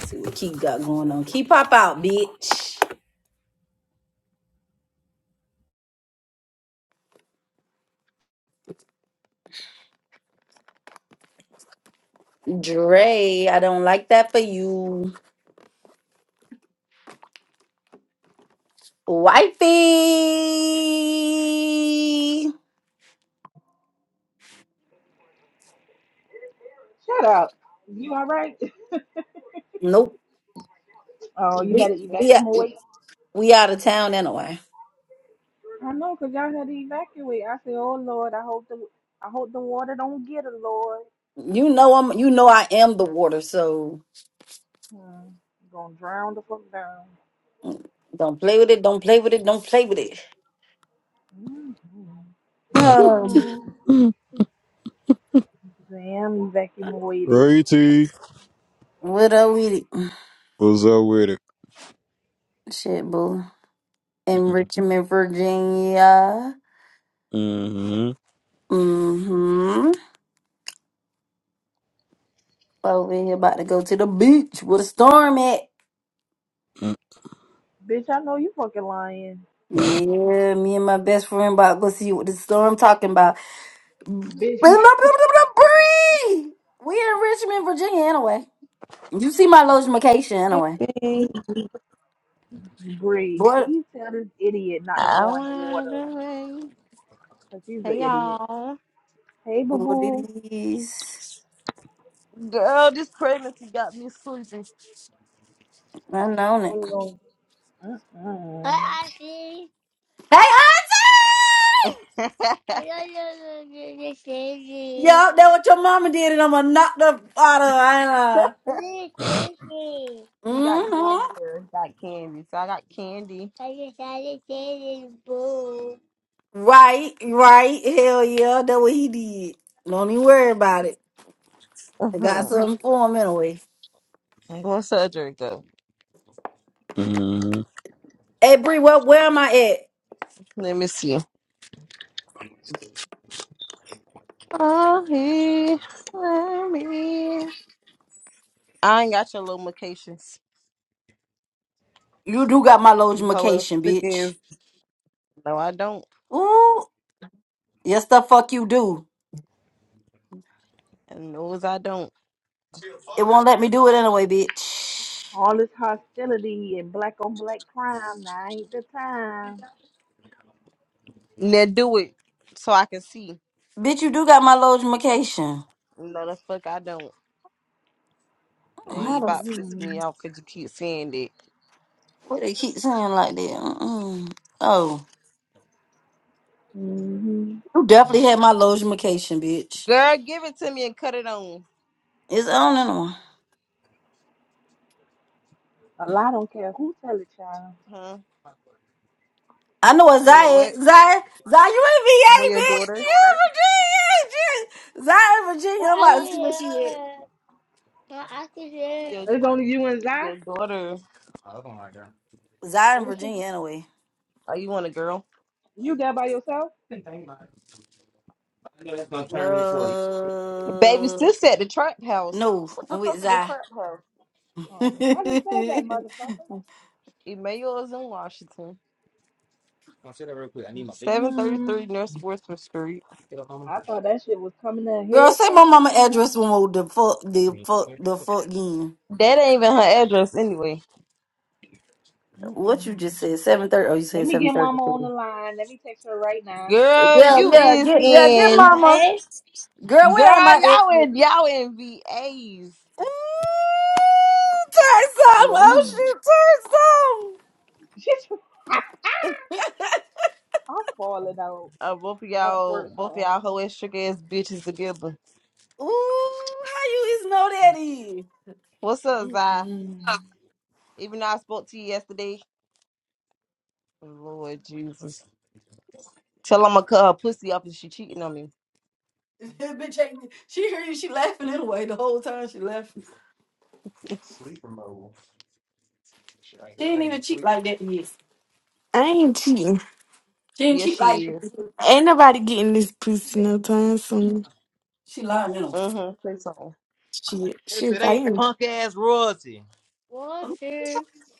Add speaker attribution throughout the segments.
Speaker 1: see what Keep got going on. Keep pop out, bitch. Dre, I don't like that for you. Wifey.
Speaker 2: Shut up. You all right?
Speaker 1: Nope.
Speaker 2: Oh, you
Speaker 1: We
Speaker 2: had to
Speaker 1: we
Speaker 2: evacuate.
Speaker 1: we out of town anyway.
Speaker 2: I know, cause y'all had to evacuate. I said, "Oh Lord, I hope the I hope the water don't get her, Lord.
Speaker 1: You know I'm you know I am the water, so
Speaker 2: Hmm. You gonna drown the fuck down."
Speaker 1: don't play with it, don't play with it, don't play with it.
Speaker 2: Mm-hmm. mm Damn, evacuated,
Speaker 3: Righty,
Speaker 1: Oh, what are we
Speaker 3: what's up with it?
Speaker 1: shit boo. In Richmond, Virginia.
Speaker 3: Mm-hmm.
Speaker 1: Mm-hmm. Over here about to go to the beach with a storm at.
Speaker 2: bitch. I know you fucking lying,
Speaker 1: Yeah, me and my best friend about to go see what the storm talking about. Bree!
Speaker 2: bitch. You
Speaker 1: We in Richmond, Virginia, anyway. You see my location, anyway.
Speaker 4: Hey,
Speaker 2: breathe.
Speaker 1: What?
Speaker 2: Please tell this idiot not to
Speaker 4: I
Speaker 2: go in the
Speaker 4: wanna
Speaker 2: water,
Speaker 4: do
Speaker 2: cause she's an
Speaker 4: Hey
Speaker 2: idiot.
Speaker 4: y'all.
Speaker 2: Hey, boo
Speaker 1: What it
Speaker 2: boo.
Speaker 1: is?
Speaker 4: Girl, this pregnancy got me sleepy.
Speaker 1: I known it.
Speaker 2: Oh Lord. Mm-mm.
Speaker 4: Hi, Auntie.
Speaker 1: Hey, auntie! Yup, that what your mama did, and I'ma knock the out of her.
Speaker 4: he got candy,
Speaker 1: Mm-hmm.
Speaker 4: girl. He got candy. So I got candy. I just had a candy boo.
Speaker 1: Right, right. Hell yeah, that what he did. Don't even worry about it. I got
Speaker 4: Uh-huh.
Speaker 1: something for him anyway.
Speaker 4: What's that drink though?
Speaker 3: Mm-hmm.
Speaker 1: Hey, Bree, what? Where am I at?
Speaker 4: Let me see. Oh, he, let me. I ain't got your low locations.
Speaker 1: You do got my
Speaker 4: You hoe ass
Speaker 1: logimacation,
Speaker 4: thick
Speaker 1: bitch.
Speaker 4: ass. No, I don't.
Speaker 1: Ooh, yes the fuck you do.
Speaker 4: And knows I don't.
Speaker 1: It won't let me do it anyway, bitch.
Speaker 2: All this hostility and black on black crime, now ain't the time.
Speaker 4: Now do it so I can see.
Speaker 1: Bitch, you do got my logimacation.
Speaker 4: No, the fuck I don't. Now
Speaker 1: How
Speaker 4: you
Speaker 1: the
Speaker 4: about to piss me
Speaker 2: Mm-mm.
Speaker 4: off because you keep saying that.
Speaker 1: what they keep saying like that? Mm-mm. Oh,
Speaker 2: Mm-hmm.
Speaker 1: you definitely had my logimacation, bitch.
Speaker 4: Girl, give it to me and cut it on.
Speaker 1: It's on and on.
Speaker 2: A lie don't care who tell it, child.
Speaker 4: Huh?
Speaker 1: I know it's
Speaker 4: With your
Speaker 1: Zaya.
Speaker 4: what?
Speaker 1: Zaya, Zaya, you in
Speaker 4: With
Speaker 1: VA,
Speaker 4: your
Speaker 1: bitch.
Speaker 4: daughter?
Speaker 1: You in Virginia, bitch. Zaya in
Speaker 4: No,
Speaker 1: Virginia. I'm
Speaker 4: I
Speaker 1: about
Speaker 4: can
Speaker 1: to see where
Speaker 4: hear
Speaker 1: she at.
Speaker 4: it. No, I can hear it. Your,
Speaker 2: It's
Speaker 4: Right.
Speaker 2: only you and Zy.
Speaker 4: your daughter. Oh, come on, girl.
Speaker 1: Zaya in
Speaker 2: What was she?
Speaker 1: Virginia, anyway.
Speaker 4: Oh, you want a girl?
Speaker 2: You there by yourself?
Speaker 4: Didn't think about it. I know that's gonna turn me into a baby
Speaker 1: Uh,
Speaker 4: sister at the trap house.
Speaker 1: no,
Speaker 4: What
Speaker 1: I'm
Speaker 4: the
Speaker 1: with
Speaker 4: fuck is a
Speaker 1: Zaya.
Speaker 4: trap house? At the
Speaker 1: Girl,
Speaker 2: Oh,
Speaker 4: trap.
Speaker 2: I just said that, motherfucker.
Speaker 4: Emmanuel is in Washington. Consider real quick. I need my big. 733
Speaker 2: Mm-mm.
Speaker 4: North Sportsman Street. Get up, mama.
Speaker 2: I thought that shit was coming to a head
Speaker 1: say my
Speaker 2: first.
Speaker 1: mama
Speaker 2: I ain't
Speaker 1: address
Speaker 2: know.
Speaker 1: one more the fuck the fuck the fuck again.
Speaker 4: That ain't even her address anyway.
Speaker 1: What you
Speaker 2: Mm-mm.
Speaker 1: just said? Seven thirty. Oh, you
Speaker 2: Let
Speaker 1: said
Speaker 2: me
Speaker 1: seven
Speaker 2: get
Speaker 1: thirty
Speaker 2: mama on the
Speaker 1: three.
Speaker 2: line. Let me text her right now.
Speaker 4: Girl,
Speaker 2: On
Speaker 1: Yeah,
Speaker 4: you
Speaker 1: yeah,
Speaker 2: messages.
Speaker 4: is
Speaker 1: get yeah, get
Speaker 4: in.
Speaker 1: mama.
Speaker 4: Girl,
Speaker 1: Girl, where am I at?
Speaker 4: y'all in
Speaker 1: Ooh,
Speaker 4: y'all in VAs.
Speaker 1: Turn some.
Speaker 2: Mm.
Speaker 1: Oh shoot, turn some.
Speaker 2: I'm falling out.
Speaker 4: Uh, both of
Speaker 2: Not
Speaker 4: y'all,
Speaker 2: towards
Speaker 4: both of
Speaker 2: something.
Speaker 4: y'all hoe ass sugar ass bitches together.
Speaker 1: Ooh, how you is know that is?
Speaker 4: What's up, Zai?
Speaker 2: Mm-mm.
Speaker 4: Even though I spoke to you yesterday, Lord Jesus, tell I'ma cut her pussy up if she cheating on me.
Speaker 1: Bitch, ain't- she heard you. She laughing anyway the whole time she left.
Speaker 4: Sleeper mode. Shit, I
Speaker 1: She
Speaker 4: can't
Speaker 1: didn't even
Speaker 4: even
Speaker 1: cheat
Speaker 4: sleep.
Speaker 1: like that yet. I ain't cheating. Then
Speaker 4: Yes,
Speaker 1: she like
Speaker 4: she is.
Speaker 1: Ain't nobody getting this pussy no time soon. she lying now.
Speaker 4: Mm-hmm. Say something.
Speaker 1: Shit, shit, if I am.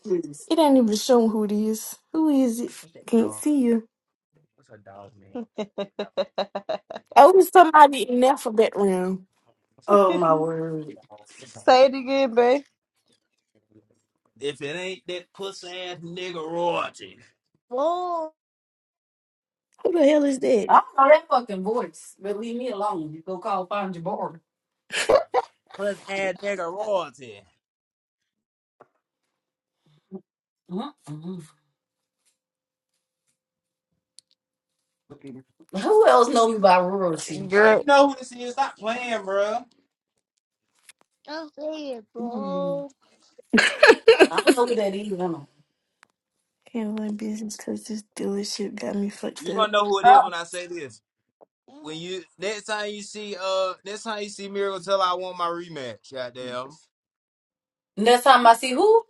Speaker 1: Yes. It ain't even showing who it is. Who is it? Can't
Speaker 4: No.
Speaker 1: see you.
Speaker 4: What's a dog name?
Speaker 1: Oh, it's somebody in there for background. Oh my word!
Speaker 4: Say it again, babe. If it ain't that puss ass nigga royalty. Oh,
Speaker 1: Who the hell is that? I don't know that fucking voice, but leave me alone. You go call find your bar.
Speaker 4: Puss ass nigga royalty.
Speaker 1: Mm-hmm.
Speaker 4: Bro,
Speaker 1: Who else knows you?
Speaker 4: girl. you know who this is. Stop playing, bro. Don't say it,
Speaker 1: Mm.
Speaker 4: bro.
Speaker 1: I don't know who that is. I don't know. Handling business because this dealership got me fucked
Speaker 4: You're
Speaker 1: up.
Speaker 4: gonna know who it is when I say this. When you next time you see uh next time you see Miracle Tell her I want my rematch, goddamn.
Speaker 1: Next time I see who,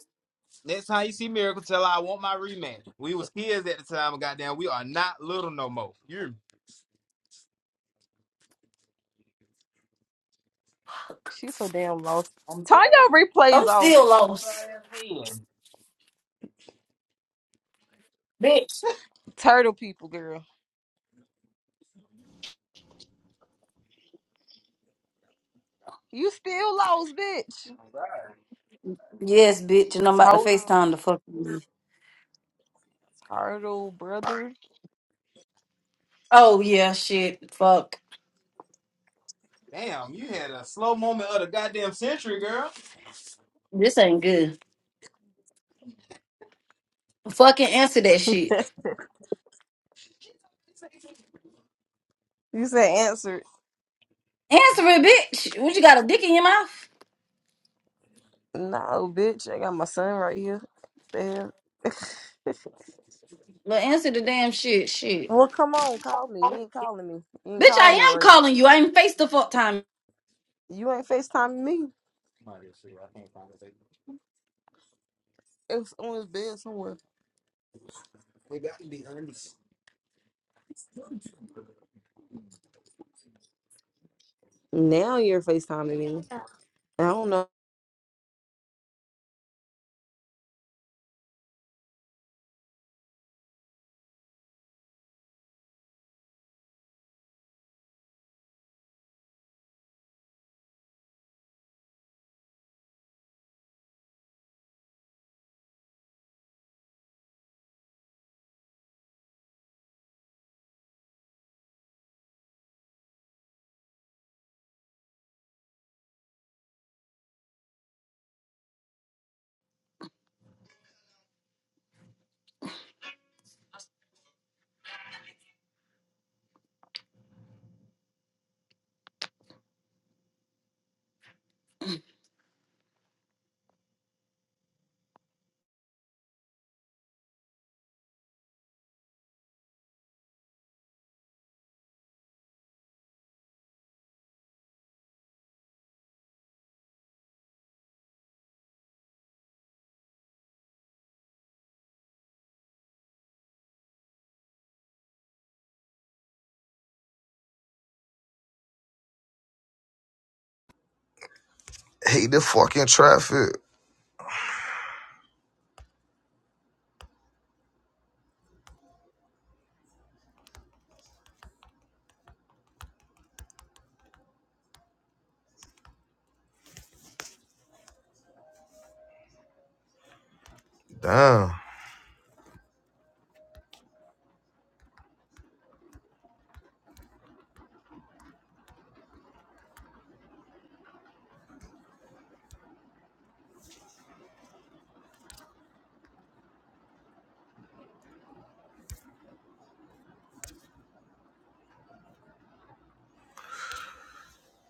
Speaker 4: Next time you see Miracle Tell her I want my rematch. We was kids at the time, goddamn, we are not little no more. You. She's so damn lost. I'm Turn your replays
Speaker 1: I'm
Speaker 4: off.
Speaker 1: still
Speaker 4: Put
Speaker 1: lost.
Speaker 4: her in hand.
Speaker 1: Bitch.
Speaker 4: Turtle people, girl. You still lost, bitch.
Speaker 1: Yes, bitch, and I'm about to
Speaker 4: Turtle,
Speaker 1: FaceTime the fuck.
Speaker 4: turtle brother.
Speaker 1: Oh yeah, shit. Fuck.
Speaker 4: Damn, you had a slow moment of the goddamn century, girl.
Speaker 1: This ain't good. Fucking answer that shit.
Speaker 4: you said answer.
Speaker 1: Answer it, bitch. What you got a dick in your mouth?
Speaker 4: No, bitch. I got my son right here. Damn.
Speaker 1: But answer the damn shit. Shit.
Speaker 4: well, come on, call me. You ain't calling me. You ain't
Speaker 1: Bitch, I
Speaker 4: calling me
Speaker 1: am
Speaker 4: right.
Speaker 1: calling you. I ain't face the fuck time.
Speaker 4: You ain't FaceTiming me. Might as well, I can't find it. It's on his bed somewhere. We got to be honest. Now you're FaceTiming me. I don't know.
Speaker 5: Hate the fucking traffic. Damn.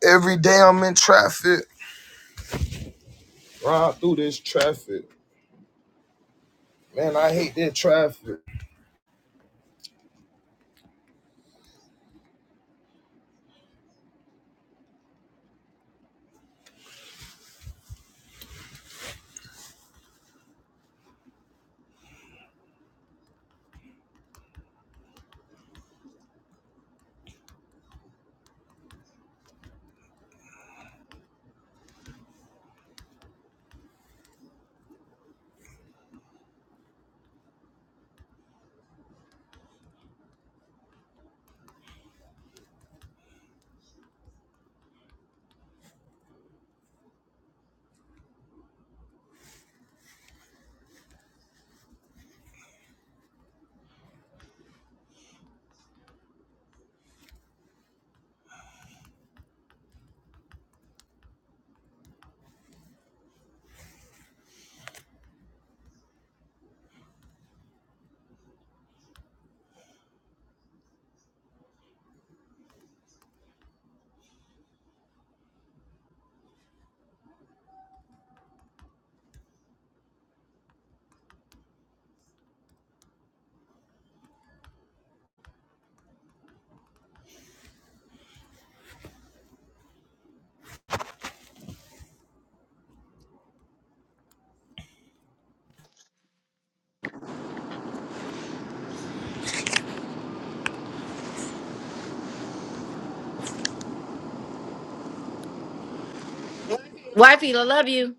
Speaker 5: Every day I'm in traffic. Ride through this traffic. Man, I hate that traffic.
Speaker 1: Wifey, I love you.